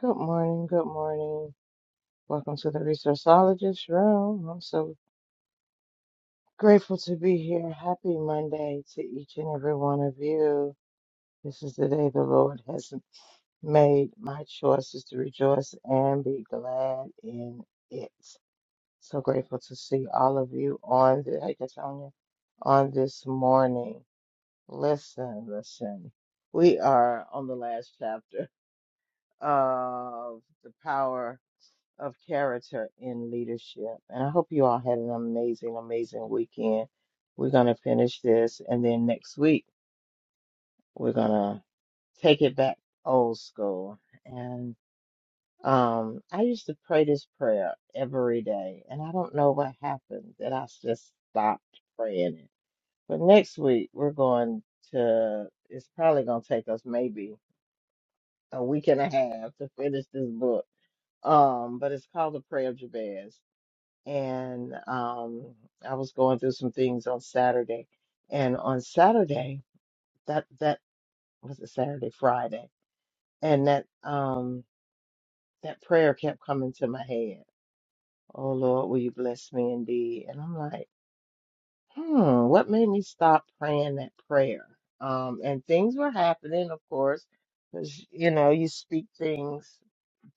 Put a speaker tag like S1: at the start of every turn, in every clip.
S1: Good morning, good morning. Welcome to the Resourceologist Room. I'm so grateful to be here. Happy Monday to each and every one of you. This is the day the Lord has made. My choice is to rejoice and be glad in it. So grateful to see all of you on the hey Katonia, on this morning. Listen, listen. We are on the last chapter of the power. of character in leadership. And I hope you all had an amazing, amazing weekend. We're going to finish this, and then next week we're going to take it back old school. And um, I used to pray this prayer every day, and I don't know what happened that I just stopped praying it. But next week we're going to. It's probably going to take us maybe a week and a half to finish this book. Um, but it's called the Prayer of Jabez and um, I was going through some things on Saturday. And on Saturday, that that was a Saturday, Friday, and that um that prayer kept coming to my head. Oh Lord, will you bless me indeed? And I'm like, hmm, what made me stop praying that prayer? Um, and things were happening, of course, because you know you speak things.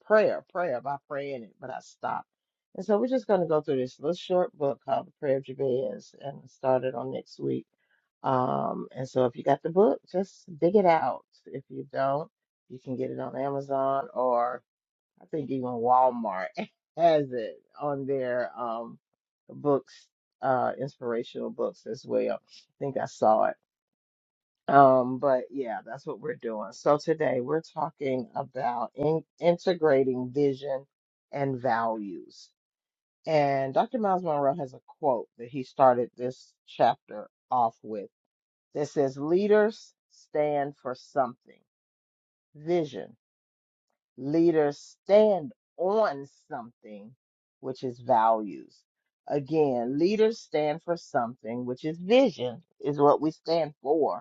S1: prayer, prayer by praying it, but I stopped. And so we're just going to go through this little short book called The Prayer of Jabez and start it on next week. Um, and so if you got the book, just dig it out. If you don't, you can get it on Amazon or I think even Walmart has it on their um books, uh inspirational books as well. I think I saw it. Um, but yeah, that's what we're doing. So today we're talking about in integrating vision and values. And Dr. Miles Monroe has a quote that he started this chapter off with that says, Leaders stand for something. Vision. Leaders stand on something, which is values. Again, leaders stand for something, which is vision, is what we stand for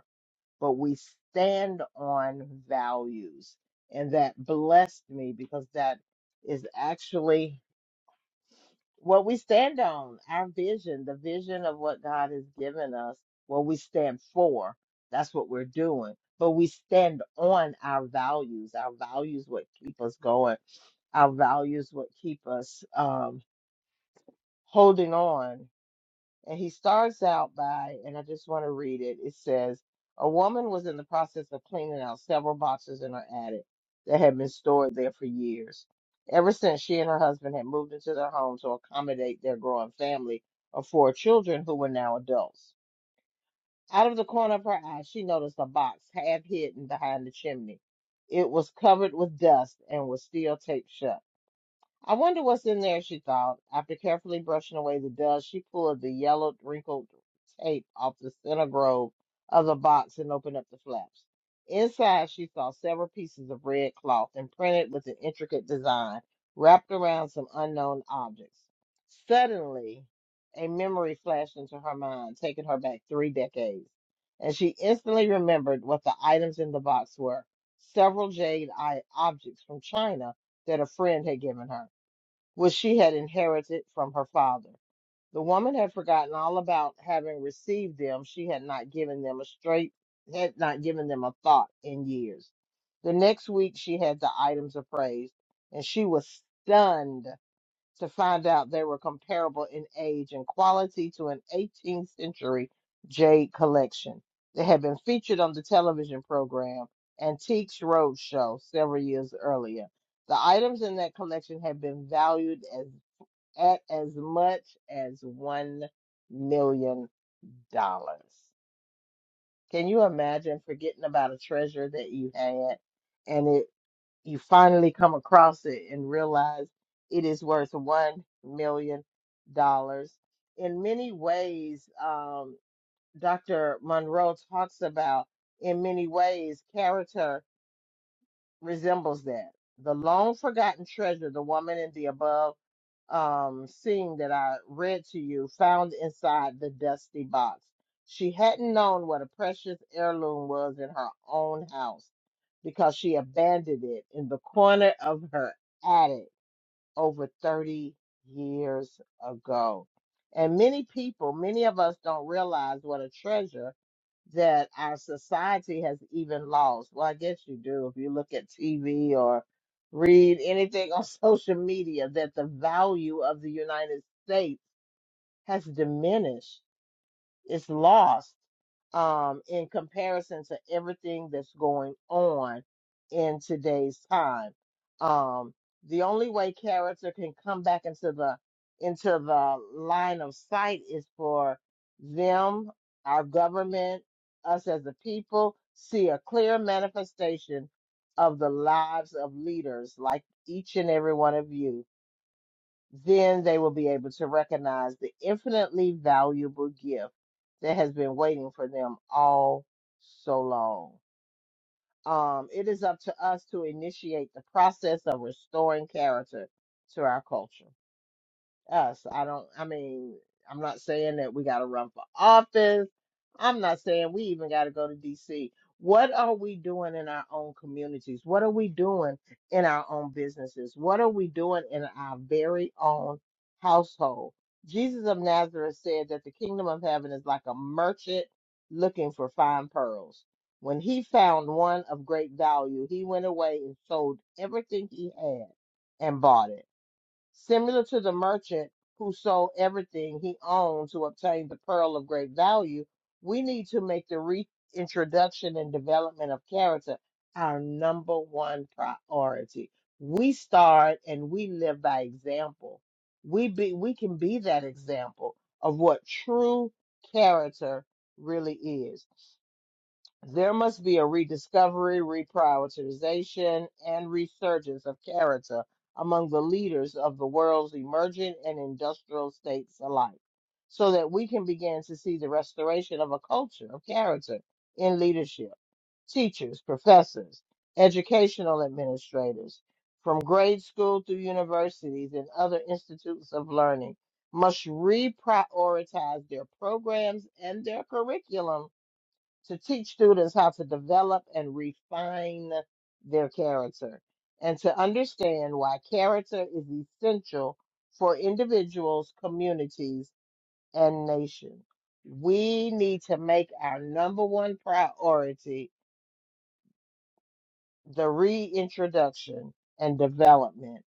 S1: but we stand on values. And that blessed me because that is actually what we stand on our vision, the vision of what God has given us, what we stand for. That's what we're doing. But we stand on our values. Our values, what keep us going. Our values, what keep us um, holding on and he starts out by, and I just want to read it. It says, A woman was in the process of cleaning out several boxes in her attic that had been stored there for years. Ever since she and her husband had moved into their home to accommodate their growing family of four children who were now adults. Out of the corner of her eye, she noticed a box half hidden behind the chimney. It was covered with dust and was still taped shut. I wonder what's in there, she thought. After carefully brushing away the dust, she pulled the yellowed, wrinkled tape off the center grove of the box and opened up the flaps. Inside, she saw several pieces of red cloth imprinted with an intricate design wrapped around some unknown objects. Suddenly, a memory flashed into her mind, taking her back three decades, and she instantly remembered what the items in the box were several jade eye objects from China that a friend had given her which she had inherited from her father. The woman had forgotten all about having received them. She had not given them a straight, had not given them a thought in years. The next week, she had the items appraised, and she was stunned to find out they were comparable in age and quality to an 18th century jade collection. They had been featured on the television program Antiques Roadshow several years earlier. The items in that collection had been valued as at as much as one million dollars. Can you imagine forgetting about a treasure that you had and it you finally come across it and realize it is worth one million dollars? In many ways, um, Dr. Monroe talks about in many ways character resembles that. The long forgotten treasure, the woman in the above um, scene that I read to you, found inside the dusty box. She hadn't known what a precious heirloom was in her own house because she abandoned it in the corner of her attic over 30 years ago. And many people, many of us don't realize what a treasure that our society has even lost. Well, I guess you do if you look at TV or read anything on social media that the value of the United States has diminished it's lost um, in comparison to everything that's going on in today's time. Um, the only way character can come back into the into the line of sight is for them, our government, us as a people, see a clear manifestation of the lives of leaders like each and every one of you then they will be able to recognize the infinitely valuable gift that has been waiting for them all so long. Um, it is up to us to initiate the process of restoring character to our culture us. I don't, I mean, I'm not saying that we got to run for office. I'm not saying we even got to go to DC. What are we doing in our own communities? What are we doing in our own businesses? What are we doing in our very own household? Jesus of Nazareth said that the kingdom of heaven is like a merchant looking for fine pearls. When he found one of great value, he went away and sold everything he had and bought it similar to the merchant who sold everything he owned to obtain the pearl of great value, we need to make the reintroduction and development of character our number one priority. We start and we live by example. We be we can be that example of what true character really is. There must be a rediscovery, reprioritization, and resurgence of character among the leaders of the world's emergent and industrial states alike, so that we can begin to see the restoration of a culture of character in leadership, teachers, professors, educational administrators, from grade school through universities and other institutes of learning. Must reprioritize their programs and their curriculums to teach students how to develop and refine their character and to understand why character is essential for individuals, communities, and nations. We need to make our number one priority the reintroduction and development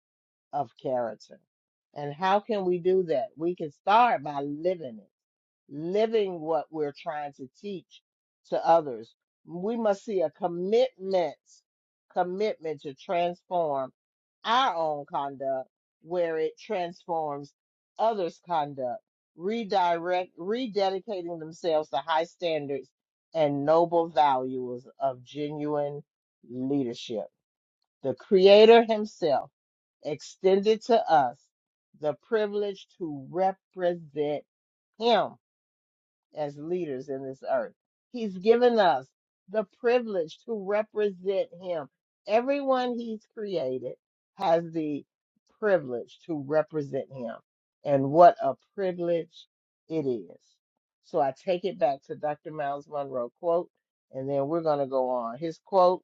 S1: of character. And how can we do that? We can start by living it living what we're trying to teach to others. We must see a commitment, commitment to transform our own conduct where it transforms others' conduct, redirect, rededicating themselves to high standards and noble values of genuine leadership. The Creator Himself extended to us the privilege to represent Him as leaders in this earth. He's given us the privilege to represent him. Everyone he's created has the privilege to represent him. And what a privilege it is. So I take it back to Dr. Miles Monroe quote, and then we're going to go on. His quote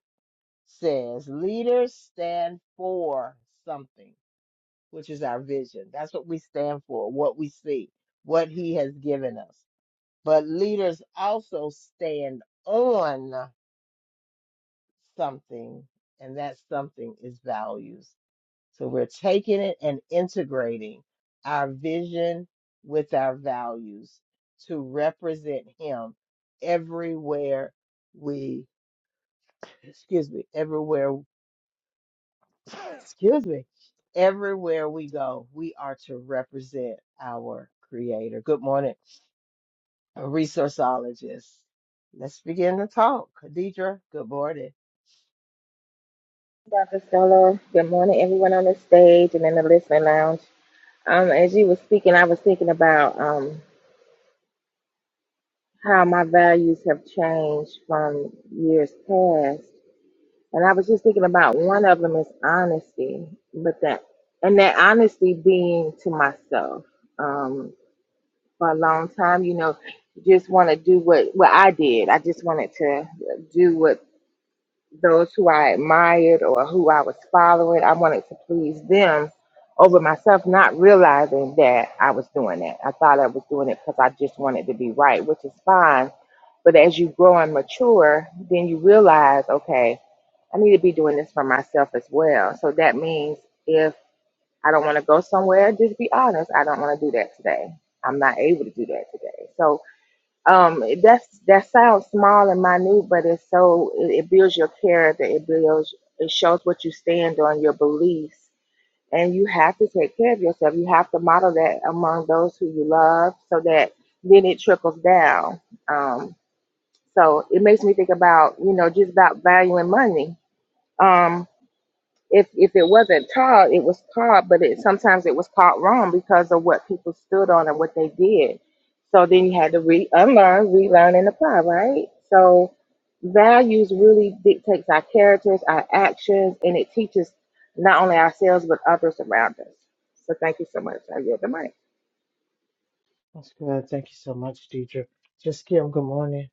S1: says, leaders stand for something, which is our vision. That's what we stand for, what we see, what he has given us. But leaders also stand on something, and that something is values. So we're taking it and integrating our vision with our values to represent Him everywhere we, excuse me, everywhere, excuse me, everywhere we go, we are to represent our Creator. Good morning. a resourceologist. Let's begin the talk. Khadidra, good morning.
S2: Dr. Stella, good morning, everyone on the stage and in the listening lounge. Um, as you were speaking, I was thinking about um, how my values have changed from years past, and I was just thinking about one of them is honesty, but that and that honesty being to myself. Um, for a long time, you know, just want to do what what I did. I just wanted to do what those who I admired or who I was following. I wanted to please them over myself, not realizing that I was doing that. I thought I was doing it because I just wanted to be right, which is fine. But as you grow and mature, then you realize, okay, I need to be doing this for myself as well. So that means if I don't want to go somewhere, just be honest. I don't want to do that today. I'm not able to do that today. So um that's that sounds small and minute but it's so it, it builds your character it builds it shows what you stand on your beliefs and you have to take care of yourself you have to model that among those who you love so that then it trickles down um so it makes me think about you know just about valuing money Um, if if it wasn't taught, it was taught, but it sometimes it was taught wrong because of what people stood on and what they did. So then you had to re unlearn, relearn, and apply, right? So values really dictates our characters, our actions, and it teaches not only ourselves but others around us. So thank you so much. I yield the mic.
S1: That's good. Thank you so much, Deidre. Just Kim, good morning.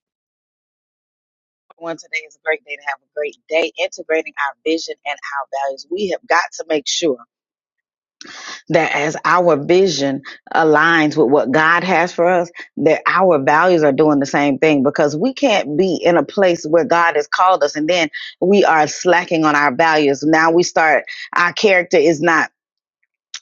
S3: One today is a great day to have a great day integrating our vision and our values. We have got to make sure that as our vision aligns with what God has for us, that our values are doing the same thing because we can't be in a place where God has called us and then we are slacking on our values. Now we start, our character is not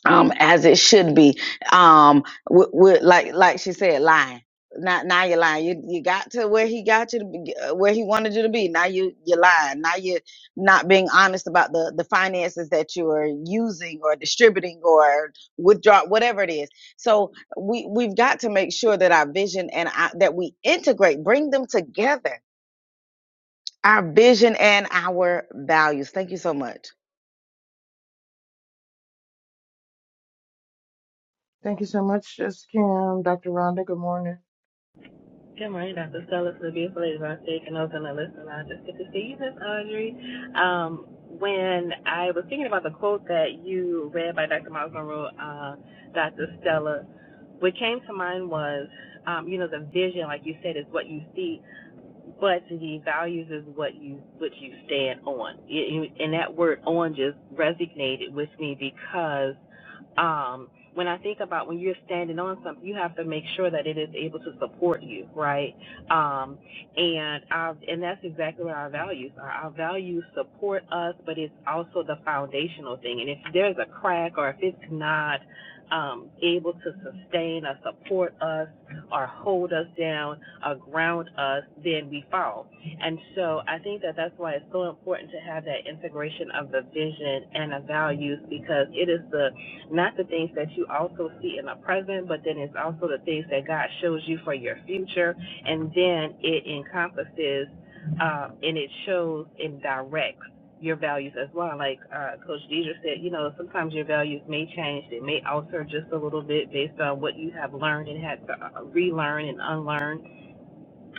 S3: um, as it should be. Um, with, with, like like she said, lying. Now, now you're lying. You you got to where he got you to be, uh, where he wanted you to be. Now you you're lying. Now you're not being honest about the the finances that you are using or distributing or withdraw whatever it is. So we we've got to make sure that our vision and our, that we integrate, bring them together. Our vision and our values. Thank you so much.
S1: Thank you so much, Just Kim. Dr. Rhonda, good morning.
S4: Good morning, Dr. Stella, to the beautiful ladies on stage and those on the listening lounge. It's good to see you, Miss Audrey. Um, when I was thinking about the quote that you read by Dr. Miles Monroe, uh, Dr. Stella, what came to mind was, um, you know, the vision, like you said, is what you see but the values is what you what you stand on. You- And that word on just resonated with me because um, when I think about when you're standing on something, you have to make sure that it is able to support you, right? Um, and our, and that's exactly what our values are. Our values support us, but it's also the foundational thing. And if there's a crack or if it's not um, able to sustain or support us, or hold us down or ground us, then we fall. And so I think that that's why it's so important to have that integration of the vision and the values because it is the not the things that you also see in the present, but then it's also the things that God shows you for your future, and then it encompasses um, and it shows and directs your values as well. Like uh, Coach Deidre said, you know, sometimes your values may change. They may alter just a little bit based on what you have learned and had to uh, relearn and unlearn,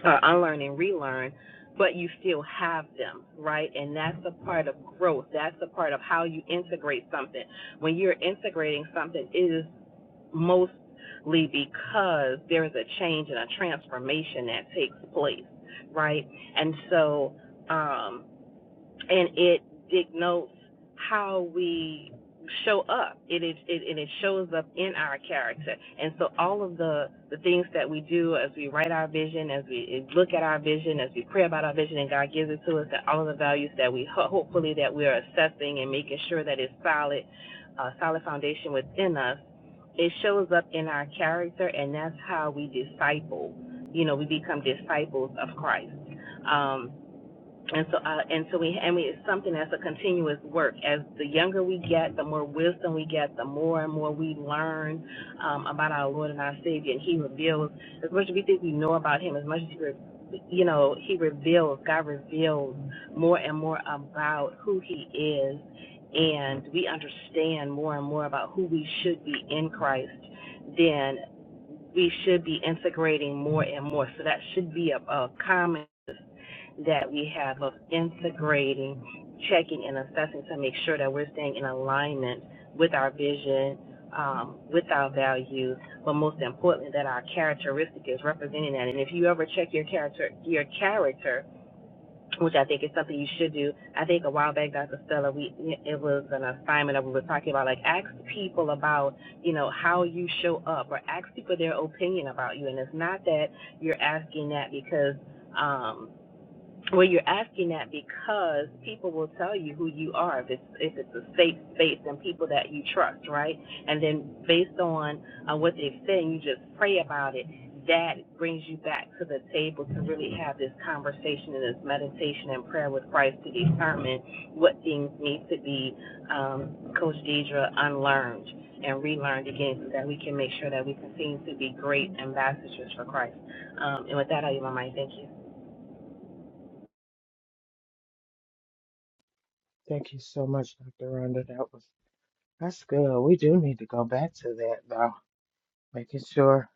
S4: uh, unlearn and relearn. But you still have them, right? And that's a part of growth. That's a part of how you integrate something. When you're integrating something, it is mostly because there is a change and a transformation that takes place, right? And so, um, and it denotes how we show up. It is, it, and it shows up in our character. And so all of the the things that we do as we write our vision, as we look at our vision, as we pray about our vision, and God gives it to us, that all of the values that we ho- hopefully that we are assessing and making sure that it's solid, uh, solid foundation within us. It shows up in our character, and that's how we disciple. You know, we become disciples of Christ. Um, and so, uh, and so we, and we, it's something that's a continuous work. As the younger we get, the more wisdom we get, the more and more we learn um, about our Lord and our Savior, and He reveals as much as we think we know about Him, as much as we, re- you know, He reveals. God reveals more and more about who He is, and we understand more and more about who we should be in Christ. Then we should be integrating more and more. So that should be a, a common that we have of integrating, checking, and assessing to make sure that we're staying in alignment with our vision, um, with our values, but most importantly, that our characteristic is representing that. And if you ever check your character, your character, which I think is something you should do. I think a while back, Dr. Stella, we it was an assignment that we were talking about, like ask people about, you know, how you show up, or ask people their opinion about you. And it's not that you're asking that because um, well, you're asking that because people will tell you who you are if it's if it's a safe space and people that you trust, right? And then based on uh, what they've said, you just pray about it. That brings you back to the table to really have this conversation and this meditation and prayer with Christ to determine what things need to be, um, Coach Deidre, unlearned and relearned again so that we can make sure that we continue to be great ambassadors for Christ. Um, and with that, I give my mind. Thank you.
S1: Thank you so much, Dr. Rhonda. That was that's good. We do need to go back to that though. Making sure,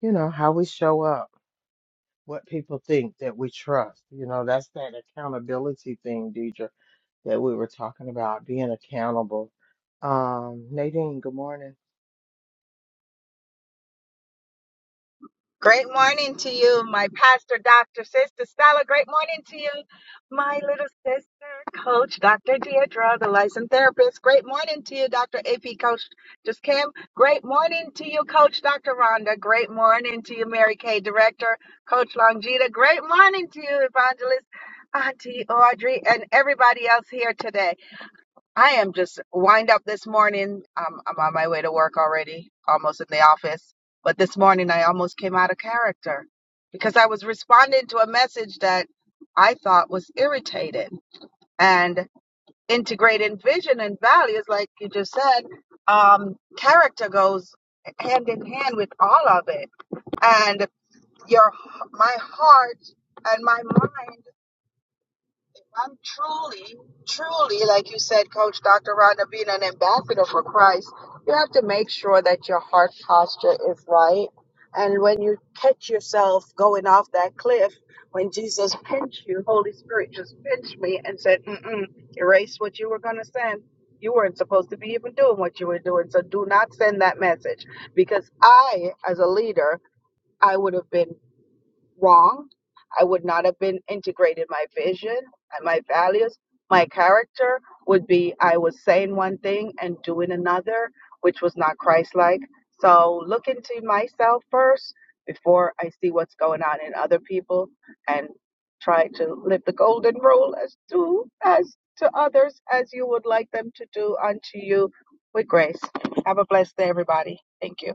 S1: you know, how we show up, what people think that we trust. You know, that's that accountability thing, Deidre, that we were talking about, being accountable. Um, Nadine, good morning.
S5: Great morning to you, my pastor, Dr. Sister Stella. Great morning to you, my little sister, Coach Dr. Deidra, the licensed therapist. Great morning to you, Dr. AP Coach Just Kim. Great morning to you, Coach Dr. Rhonda. Great morning to you, Mary Kay, Director, Coach Longita. Great morning to you, Evangelist Auntie Audrey, and everybody else here today. I am just wind up this morning. I'm, I'm on my way to work already, almost in the office. But this morning, I almost came out of character because I was responding to a message that I thought was irritated. And integrating vision and values, like you just said, um, character goes hand in hand with all of it. And your, my heart and my mind I'm truly, truly, like you said, Coach Dr. Rodna, being an ambassador for Christ, you have to make sure that your heart posture is right. And when you catch yourself going off that cliff, when Jesus pinched you, Holy Spirit just pinched me and said, Mm-mm, erase what you were going to send. You weren't supposed to be even doing what you were doing. So do not send that message because I, as a leader, I would have been wrong. I would not have been integrated. My vision and my values, my character would be I was saying one thing and doing another, which was not Christ like. So look into myself first before I see what's going on in other people and try to live the golden rule as do as to others as you would like them to do unto you with grace. Have a blessed day, everybody. Thank you.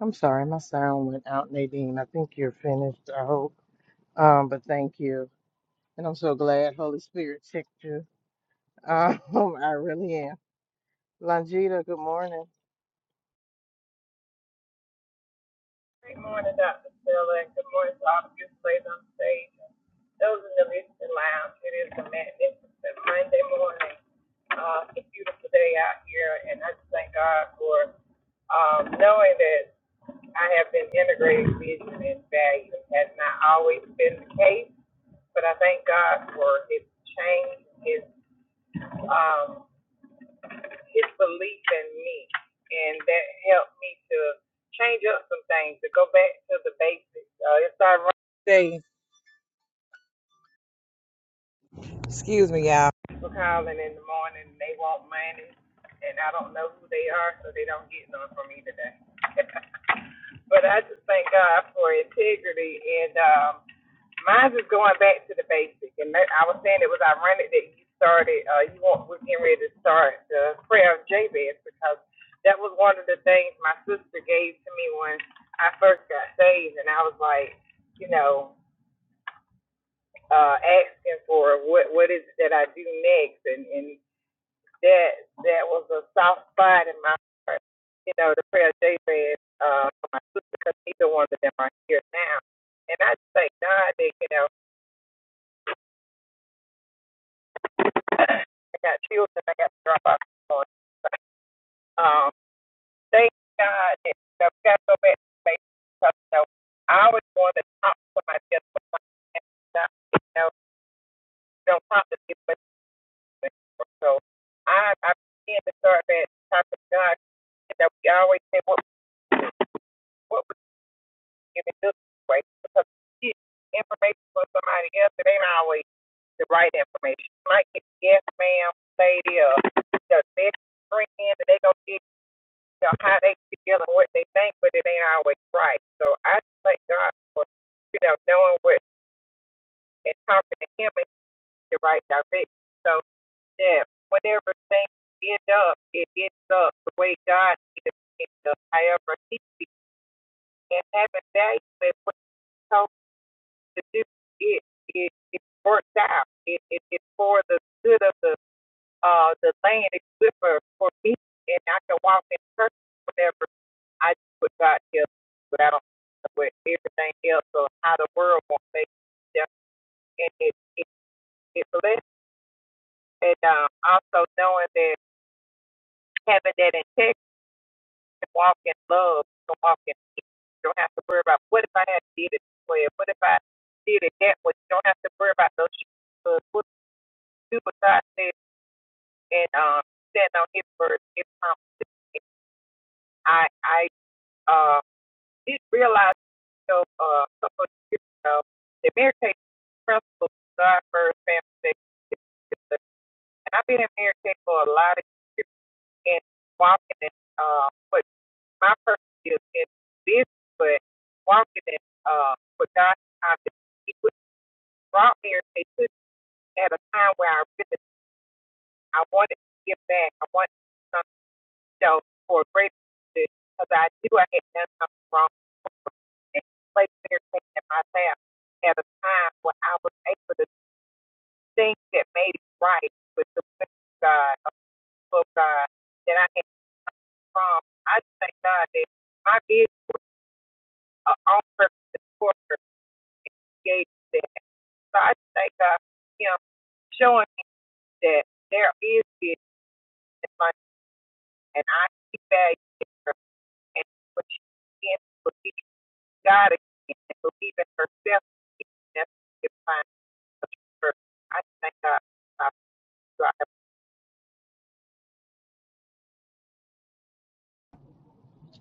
S1: I'm sorry, my sound went out, Nadine. I think you're finished, I hope. Um, but thank you. And I'm so glad Holy Spirit checked you. Um, I really am. Longita, good morning.
S6: Good morning, Dr. Stella, and good morning to all the beautiful ladies on stage. Those in the listening lounge, it is a magnificent Monday morning. Uh, it's a beautiful day out here, and I just thank God for um, knowing that I have been integrating vision and value. It has not always been the case, but I thank God for His change, His um, his belief in me, and that helped me to change up some things to go back to the basics. Uh, it's ironic. They, excuse me, y'all. People calling in the morning, they want money, and I don't know who they are, so they don't get none from me today. but I just thank God for integrity, and um, Mine's is going back to the basic, and that, I was saying it was ironic that you started. Uh, you want was getting ready to start the prayer of Jabez because that was one of the things my sister gave to me when I first got saved, and I was like, you know, uh, asking for what what is it that I do next, and and that that was a soft spot in my heart. You know, the prayer of Jabez uh, for my sister because neither one of them are here now, and I just thank God that you know I got children I got to drop off. At. Um, thank God that you know, we got to go back to basics because you know, I always wanted to talk to somebody else, but my hands not, you know, you don't talk to people anymore. So I I began to start that talk to God. that You know, we always say what what would you give in this way because you get information from somebody else, it ain't always the right information. Like might get yes ma'am lady or the best friend that they gonna get you know, how they feel and what they think, but it ain't always right. So I just thank God for, you know, knowing what and talking to him in the right direction. So yeah, whenever things end up, it ends up the way God needs it to end up. However, he sees it. and having value in what he told me to do, it it it works out. It it is for the good of the uh the land. It's good for for me, and I can walk in purpose whatever I do what God tells but I don't know what everything else or how the world won't make them. And it, it, it blessed. And um, also knowing that having that integrity, to walk in love, to walk in peace. You don't have to worry about what if I had did it this way, what if I did it that way. You don't have to worry about those shoes. But What do what God says and um, stand on His word, His promises. I I uh, did realize. show uh, a couple of years ago, the Mary Kay principal, God First Family second. and I've been in Mary Kay for a lot of years and walking in uh, what my purpose is in business, but walking in uh, what God has He was brought Mary Kay to me at a time where I really I wanted to give back. I wanted to do something else for a greater good because I knew I had done something wrong and placed Mary Kay in my lap at a time when I was able to things that made it right with the will of God, of the will of God, that I came from. I just thank God that my business, uh, on purpose, and for gave me that. So I just thank God for Him showing me that there is business and money, and I see value in her. And when she begins to believe in God again and believe in herself, that's what defines her. I just thank God. for God.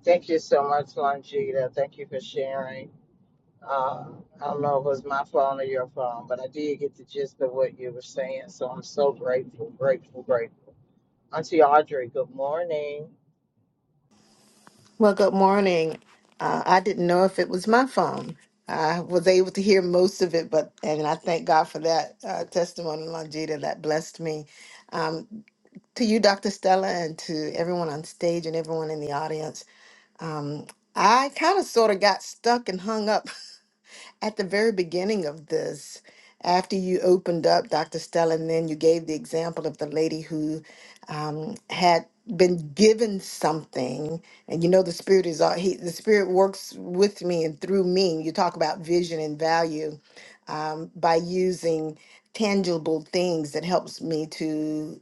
S1: Thank you so much, Longita. Thank you for sharing. Uh, I don't know if it was my phone or your phone, but I did get the gist of what you were saying. So I'm so grateful, grateful, grateful. Auntie Audrey, good morning.
S7: Well, good morning. Uh, I didn't know if it was my phone. I was able to hear most of it, but and I thank God for that uh, testimony, Longita, that blessed me. Um, to you, Dr. Stella, and to everyone on stage and everyone in the audience, um, I kind of sort of got stuck and hung up at the very beginning of this, after you opened up, Dr. Stella, and then you gave the example of the lady who um, had been given something, and you know the spirit is all he the spirit works with me and through me. You talk about vision and value um, by using tangible things that helps me to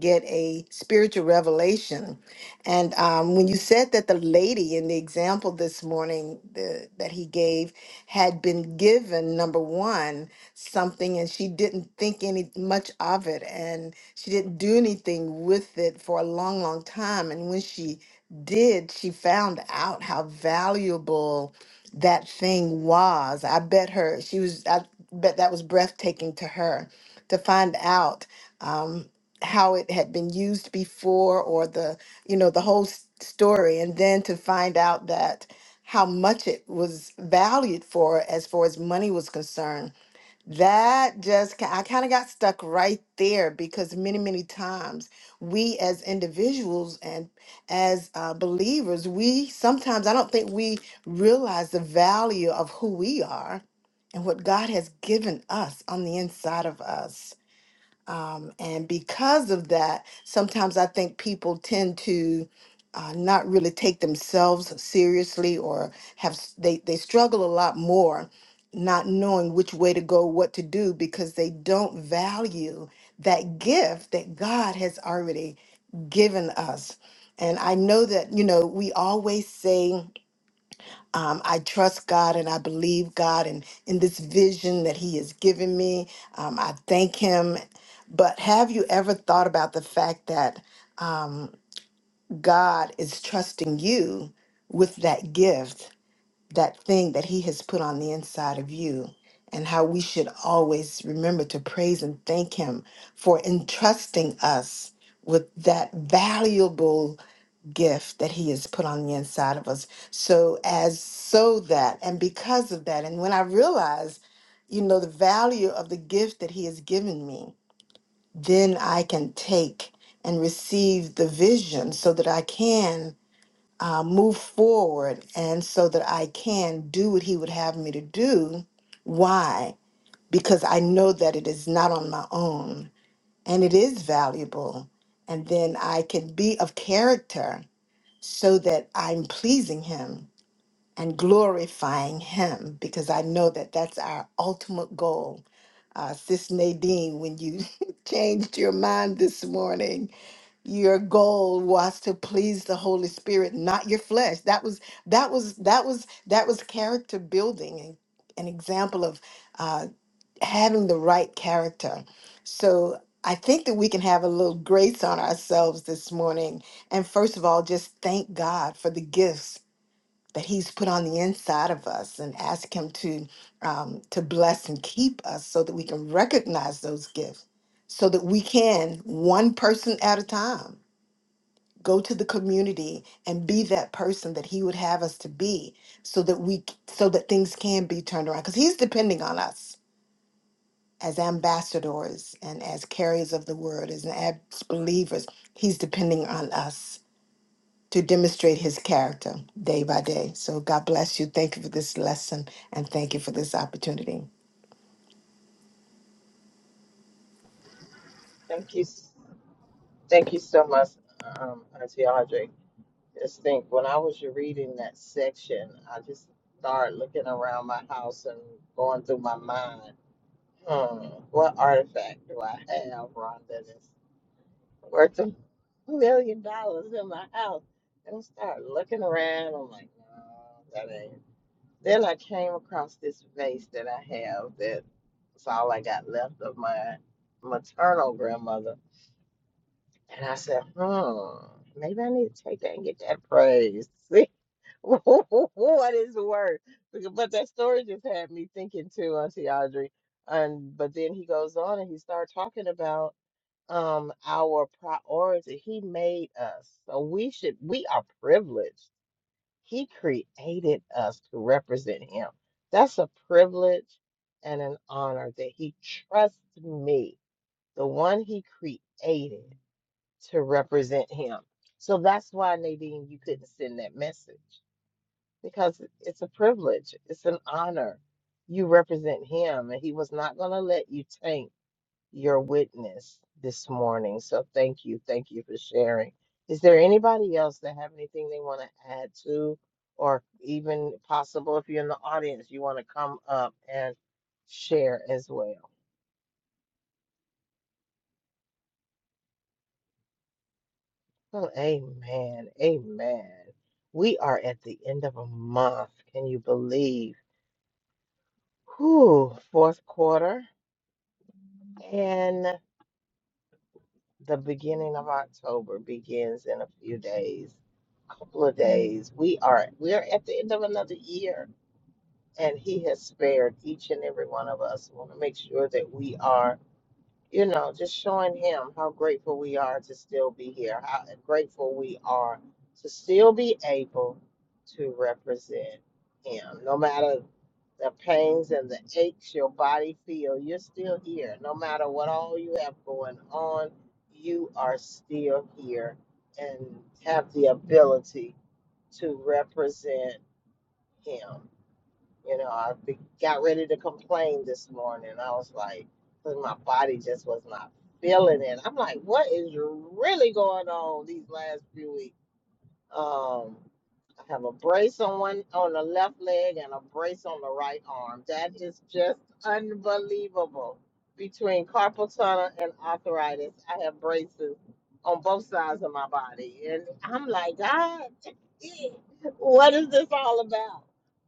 S7: get a spiritual revelation. And um, when you said that the lady in the example this morning the, that he gave had been given number one something, and she didn't think any much of it, and she didn't do anything with it for a long, long time. And when she did, she found out how valuable that thing was. I bet her she was. I bet that was breathtaking to her to find out. Um, how it had been used before or the you know the whole s- story and then to find out that how much it was valued for as far as money was concerned that just ki- i kind of got stuck right there because many many times we as individuals and as uh, believers we sometimes i don't think we realize the value of who we are and what god has given us on the inside of us um, and because of that, sometimes I think people tend to uh, not really take themselves seriously or have, s- they, they struggle a lot more not knowing which way to go, what to do, because they don't value that gift that God has already given us. And I know that, you know, we always say, um, I trust God and I believe God and in this vision that He has given me. Um, I thank Him. But have you ever thought about the fact that um, God is trusting you with that gift, that thing that He has put on the inside of you, and how we should always remember to praise and thank Him for entrusting us with that valuable gift that he has put on the inside of us so as so that and because of that and when i realize you know the value of the gift that he has given me then i can take and receive the vision so that i can uh, move forward and so that i can do what he would have me to do why because i know that it is not on my own and it is valuable and then i can be of character so that I'm pleasing Him and glorifying Him because I know that that's our ultimate goal. Uh, Sis Nadine, when you changed your mind this morning, your goal was to please the Holy Spirit, not your flesh. That was that was that was that was character building and an example of. uh, having the right character. So I think that we can have a little grace on ourselves this morning. And first of all, just thank God for the gifts that He's put on the inside of us and ask Him to um, to bless and keep us so that we can recognize those gifts, so that we can, one person at a time, go to the community and be that person that He would have us to be so that we so that things can be turned around. Because He's depending on us as ambassadors and as carriers of the word, as, ab- believers, he's depending on us to demonstrate his character day by day. So God bless you. Thank you for this lesson and thank you for this opportunity.
S1: Thank you. s- Thank you so much, um, Auntie Audrey. Just think, when I was reading that section, I just started looking around my house and going through my mind, hmm, what artifact do I have, Rhonda, that's worth a million dollars in my house? And I started looking around. I'm like, no, that ain't. Then I came across this vase that I have that's all I got left of my maternal grandmother. And I said, hmm, maybe I need to take that and get that praise. See what is the word? Because- But that story just had me thinking too, Auntie Audrey. And but then he goes on and he started talking about um our priority. He made us. So we should we are privileged. He created us to represent him. That's a privilege and an honor that he trusts me, the one he created to represent him. So that's why, Nadine, you couldn't send that message because it's a privilege, it's an honor. You represent him, and he was not going to let you taint your witness this morning. So thank you. Thank you for sharing. Is there anybody else that have anything they want to add to, or even possible if you're in the audience, you want to come up and share as well? Oh, amen. Amen. We are at the end of a month. Can you believe? Whew, fourth quarter and the beginning of October begins in a few days. Couple of days. We are we are at the end of another year. And he has spared each and every one of us. We want to make sure that we are you know, just showing him how grateful we are to still be here, how grateful we are to still be able to represent him. No matter the pains and the aches your body feel, you're still here. No matter what all you have going on, you are still here and have the ability to represent him. You know, I be, got ready to complain this morning. I was like, 'cause my body just was not feeling it. I'm like, what is really going on these last few weeks? Um, I have a brace on one on the left leg and a brace on the right arm. That is just unbelievable. Between carpal tunnel and arthritis, I have braces on both sides of my body, and I'm like, God, what is this all about?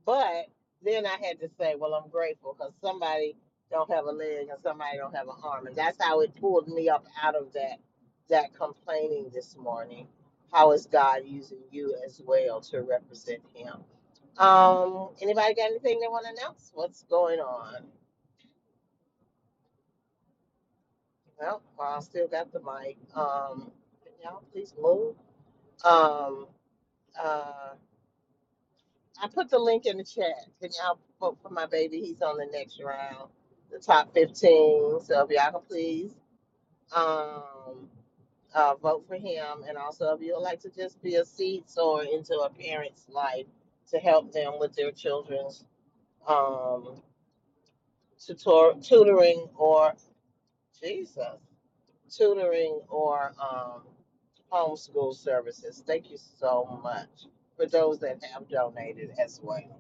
S1: But then I had to say, well, I'm grateful because somebody don't have a leg and somebody don't have an arm, and that's how it pulled me up out of that that complaining this morning how is God using you as well to represent Him? Um, anybody got anything they want to announce? What's going on? Well, while I still got the mic, um, can y'all please move? Um, uh, I put the link in the chat. Can y'all vote for my baby? He's on the next round, the top 15. So if y'all can please um, uh, vote for him. And also, if you would like to just be a seed sower into a parent's life to help them with their children's um, tutor- tutoring or Jesus tutoring or um, homeschool services. Thank you so much for those that have donated as well.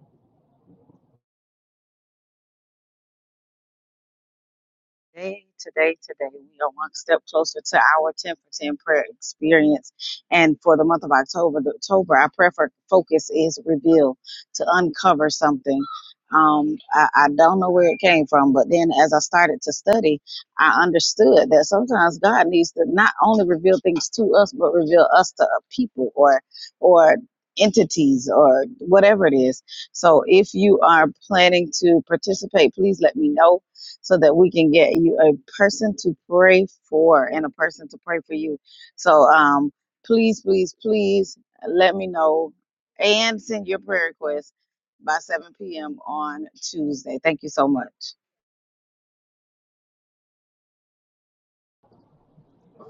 S3: Today, today, today, we are one step closer to our 10 for 10 prayer experience. And for the month of October, the October, our prayer for focus is reveal to uncover something. Um, I, I don't know where it came from, but then as I started to study, I understood that sometimes God needs to not only reveal things to us, but reveal us to people or, or entities or whatever it is. So if you are planning to participate, please let me know so that we can get you a person to pray for and a person to pray for you. So um, please, please, please let me know and send your prayer request by 7 p.m. on Tuesday. Thank you so much.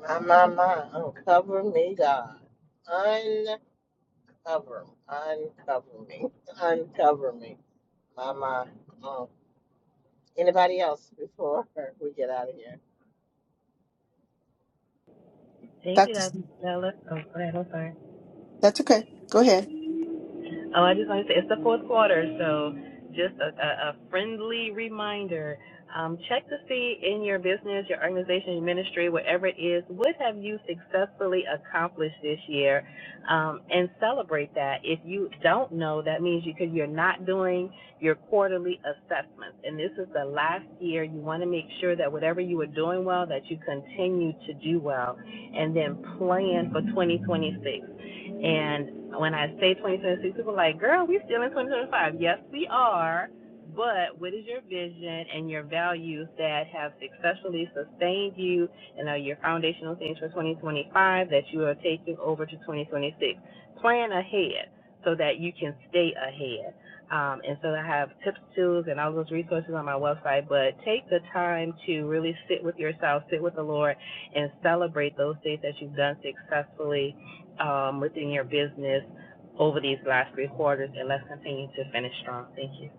S1: My my my, uncover me, God, uncover, uncover me, uncover me, my my. Mm. Anybody else before we get out of here?
S4: Take it up,
S7: That's
S4: Stella. Oh, go ahead. I'm sorry.
S7: that's okay. Go ahead.
S4: Oh, I just want to say it's the fourth quarter, so just a, a, a friendly reminder. Um, check to see in your business, your organization, your ministry, whatever it is, what have you successfully accomplished this year, um, and celebrate that. If you don't know, that means you because you're not doing your quarterly assessments, and this is the last year. You want to make sure that whatever you are doing well, that you continue to do well and then plan for 2026. And when I say 2026, people are like, girl, we still in 2025. Yes, we are. But what is your vision and your values that have successfully sustained you and are your foundational things for 2025 that you are taking over to 2026? Plan ahead so that you can stay ahead. Um, and so I have tips, tools, and all those resources on my website. But take the time to really sit with yourself, sit with the Lord, and celebrate those things that you've done successfully um, within your business over these last three quarters, and let's continue to finish strong. Thank you.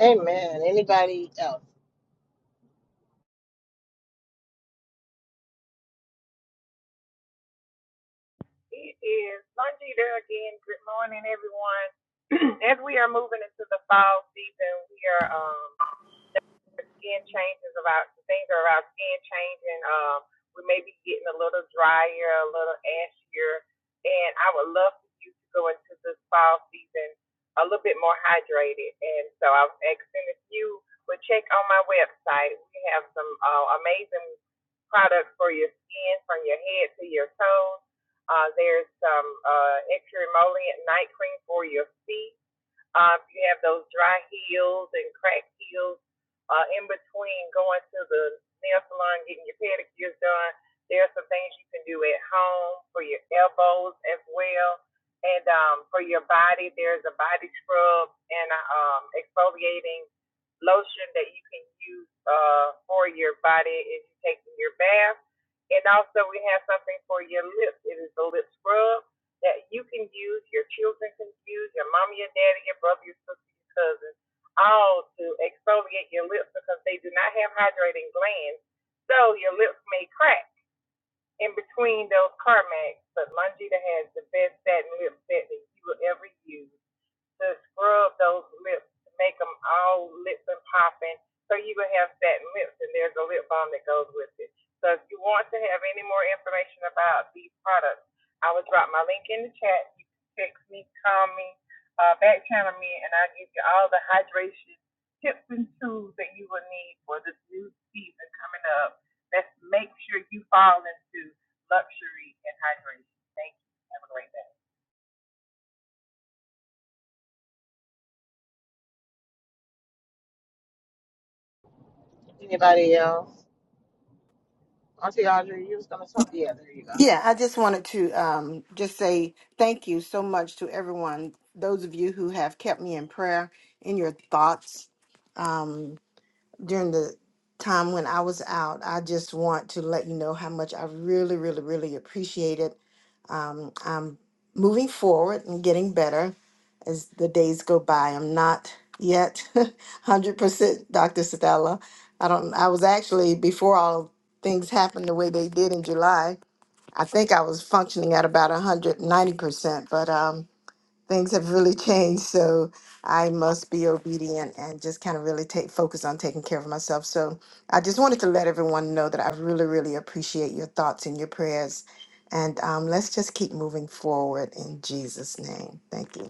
S1: Amen. Anybody else?
S6: It is Lungi there again. Good morning, everyone. As we are moving into the fall season, we are um, skin changes about things are about skin changing. Um, we may be getting a little drier, a little ashier, and I would love for you to go into this fall season a little bit more hydrated. And so I was asking if you would check on my website. We have some uh, amazing products for your skin, from your head to your toes. Uh, there's some uh, extra emollient night cream for your feet. Um, you have those dry heels and cracked heels uh, in between going to the nail salon, getting your pedicures done. There are some things you can do at home for your elbows as well. And um, for your body, there's a body scrub and a, um, exfoliating lotion that you can use uh, for your body if you're taking your bath. And also, we have something for your lips. It is a lip scrub that you can use, your children can use, your mom, your daddy, your brother, your sister, your cousin, all to exfoliate your lips because they do not have hydrating glands. So your lips may crack in between those CarMax. But Longita has the best satin lip set that you will ever use to scrub those lips to make them all lips and popping. So you will have satin lips, and there's a lip balm that goes with it. So if you want to have any more information about these products, I will drop my link in the chat. You can text me, call me, uh, back channel me, and I'll give you all the hydration tips and tools that you will need for this new season coming up. Let's make sure you fall into luxury and hydration. Thank you. Have a great day.
S1: Anybody else? Auntie Audrey, you was gonna talk. Yeah, there you go.
S7: Yeah, I just wanted to um, just say thank you so much to everyone, those of you who have kept me in prayer, in your thoughts. during the time when I was out, I just want to let you know how much I really, really, really appreciate it. Um, I'm moving forward and getting better as the days go by. I'm not yet 100% Dr. Stella. I don't, I was actually, before all things happened the way they did in July, I think I was functioning at about 190%, but um, things have really changed so i must be obedient and just kind of really take focus on taking care of myself so i just wanted to let everyone know that i really really appreciate your thoughts and your prayers and um, let's just keep moving forward in jesus name thank you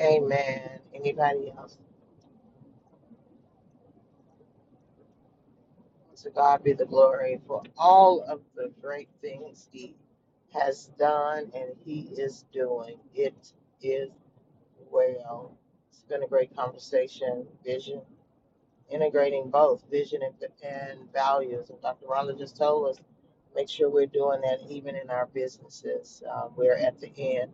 S1: Amen. Anybody else? To God be the glory for all of the great things He has done and He is doing. It is well. It's been a great conversation, vision. integrating both vision and, and values. And Dr. Rhonda just told us, make sure we're doing that even in our businesses. Um, we're at the end,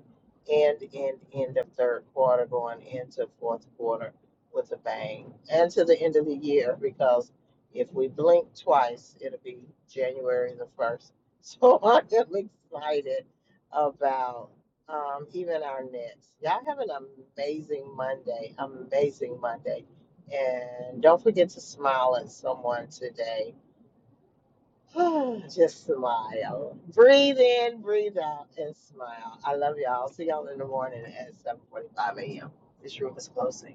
S1: end, end, end of third quarter, going into fourth quarter with a bang, and to the end of the year, because if we blink twice, it'll be January the 1st. So I'm really excited about um, even our next. Y'all have an amazing Monday, amazing Monday and don't forget to smile at someone today. Just smile. Breathe in, breathe out, and smile. I love y'all. See y'all in the morning at 7:45 a.m. This room is closing.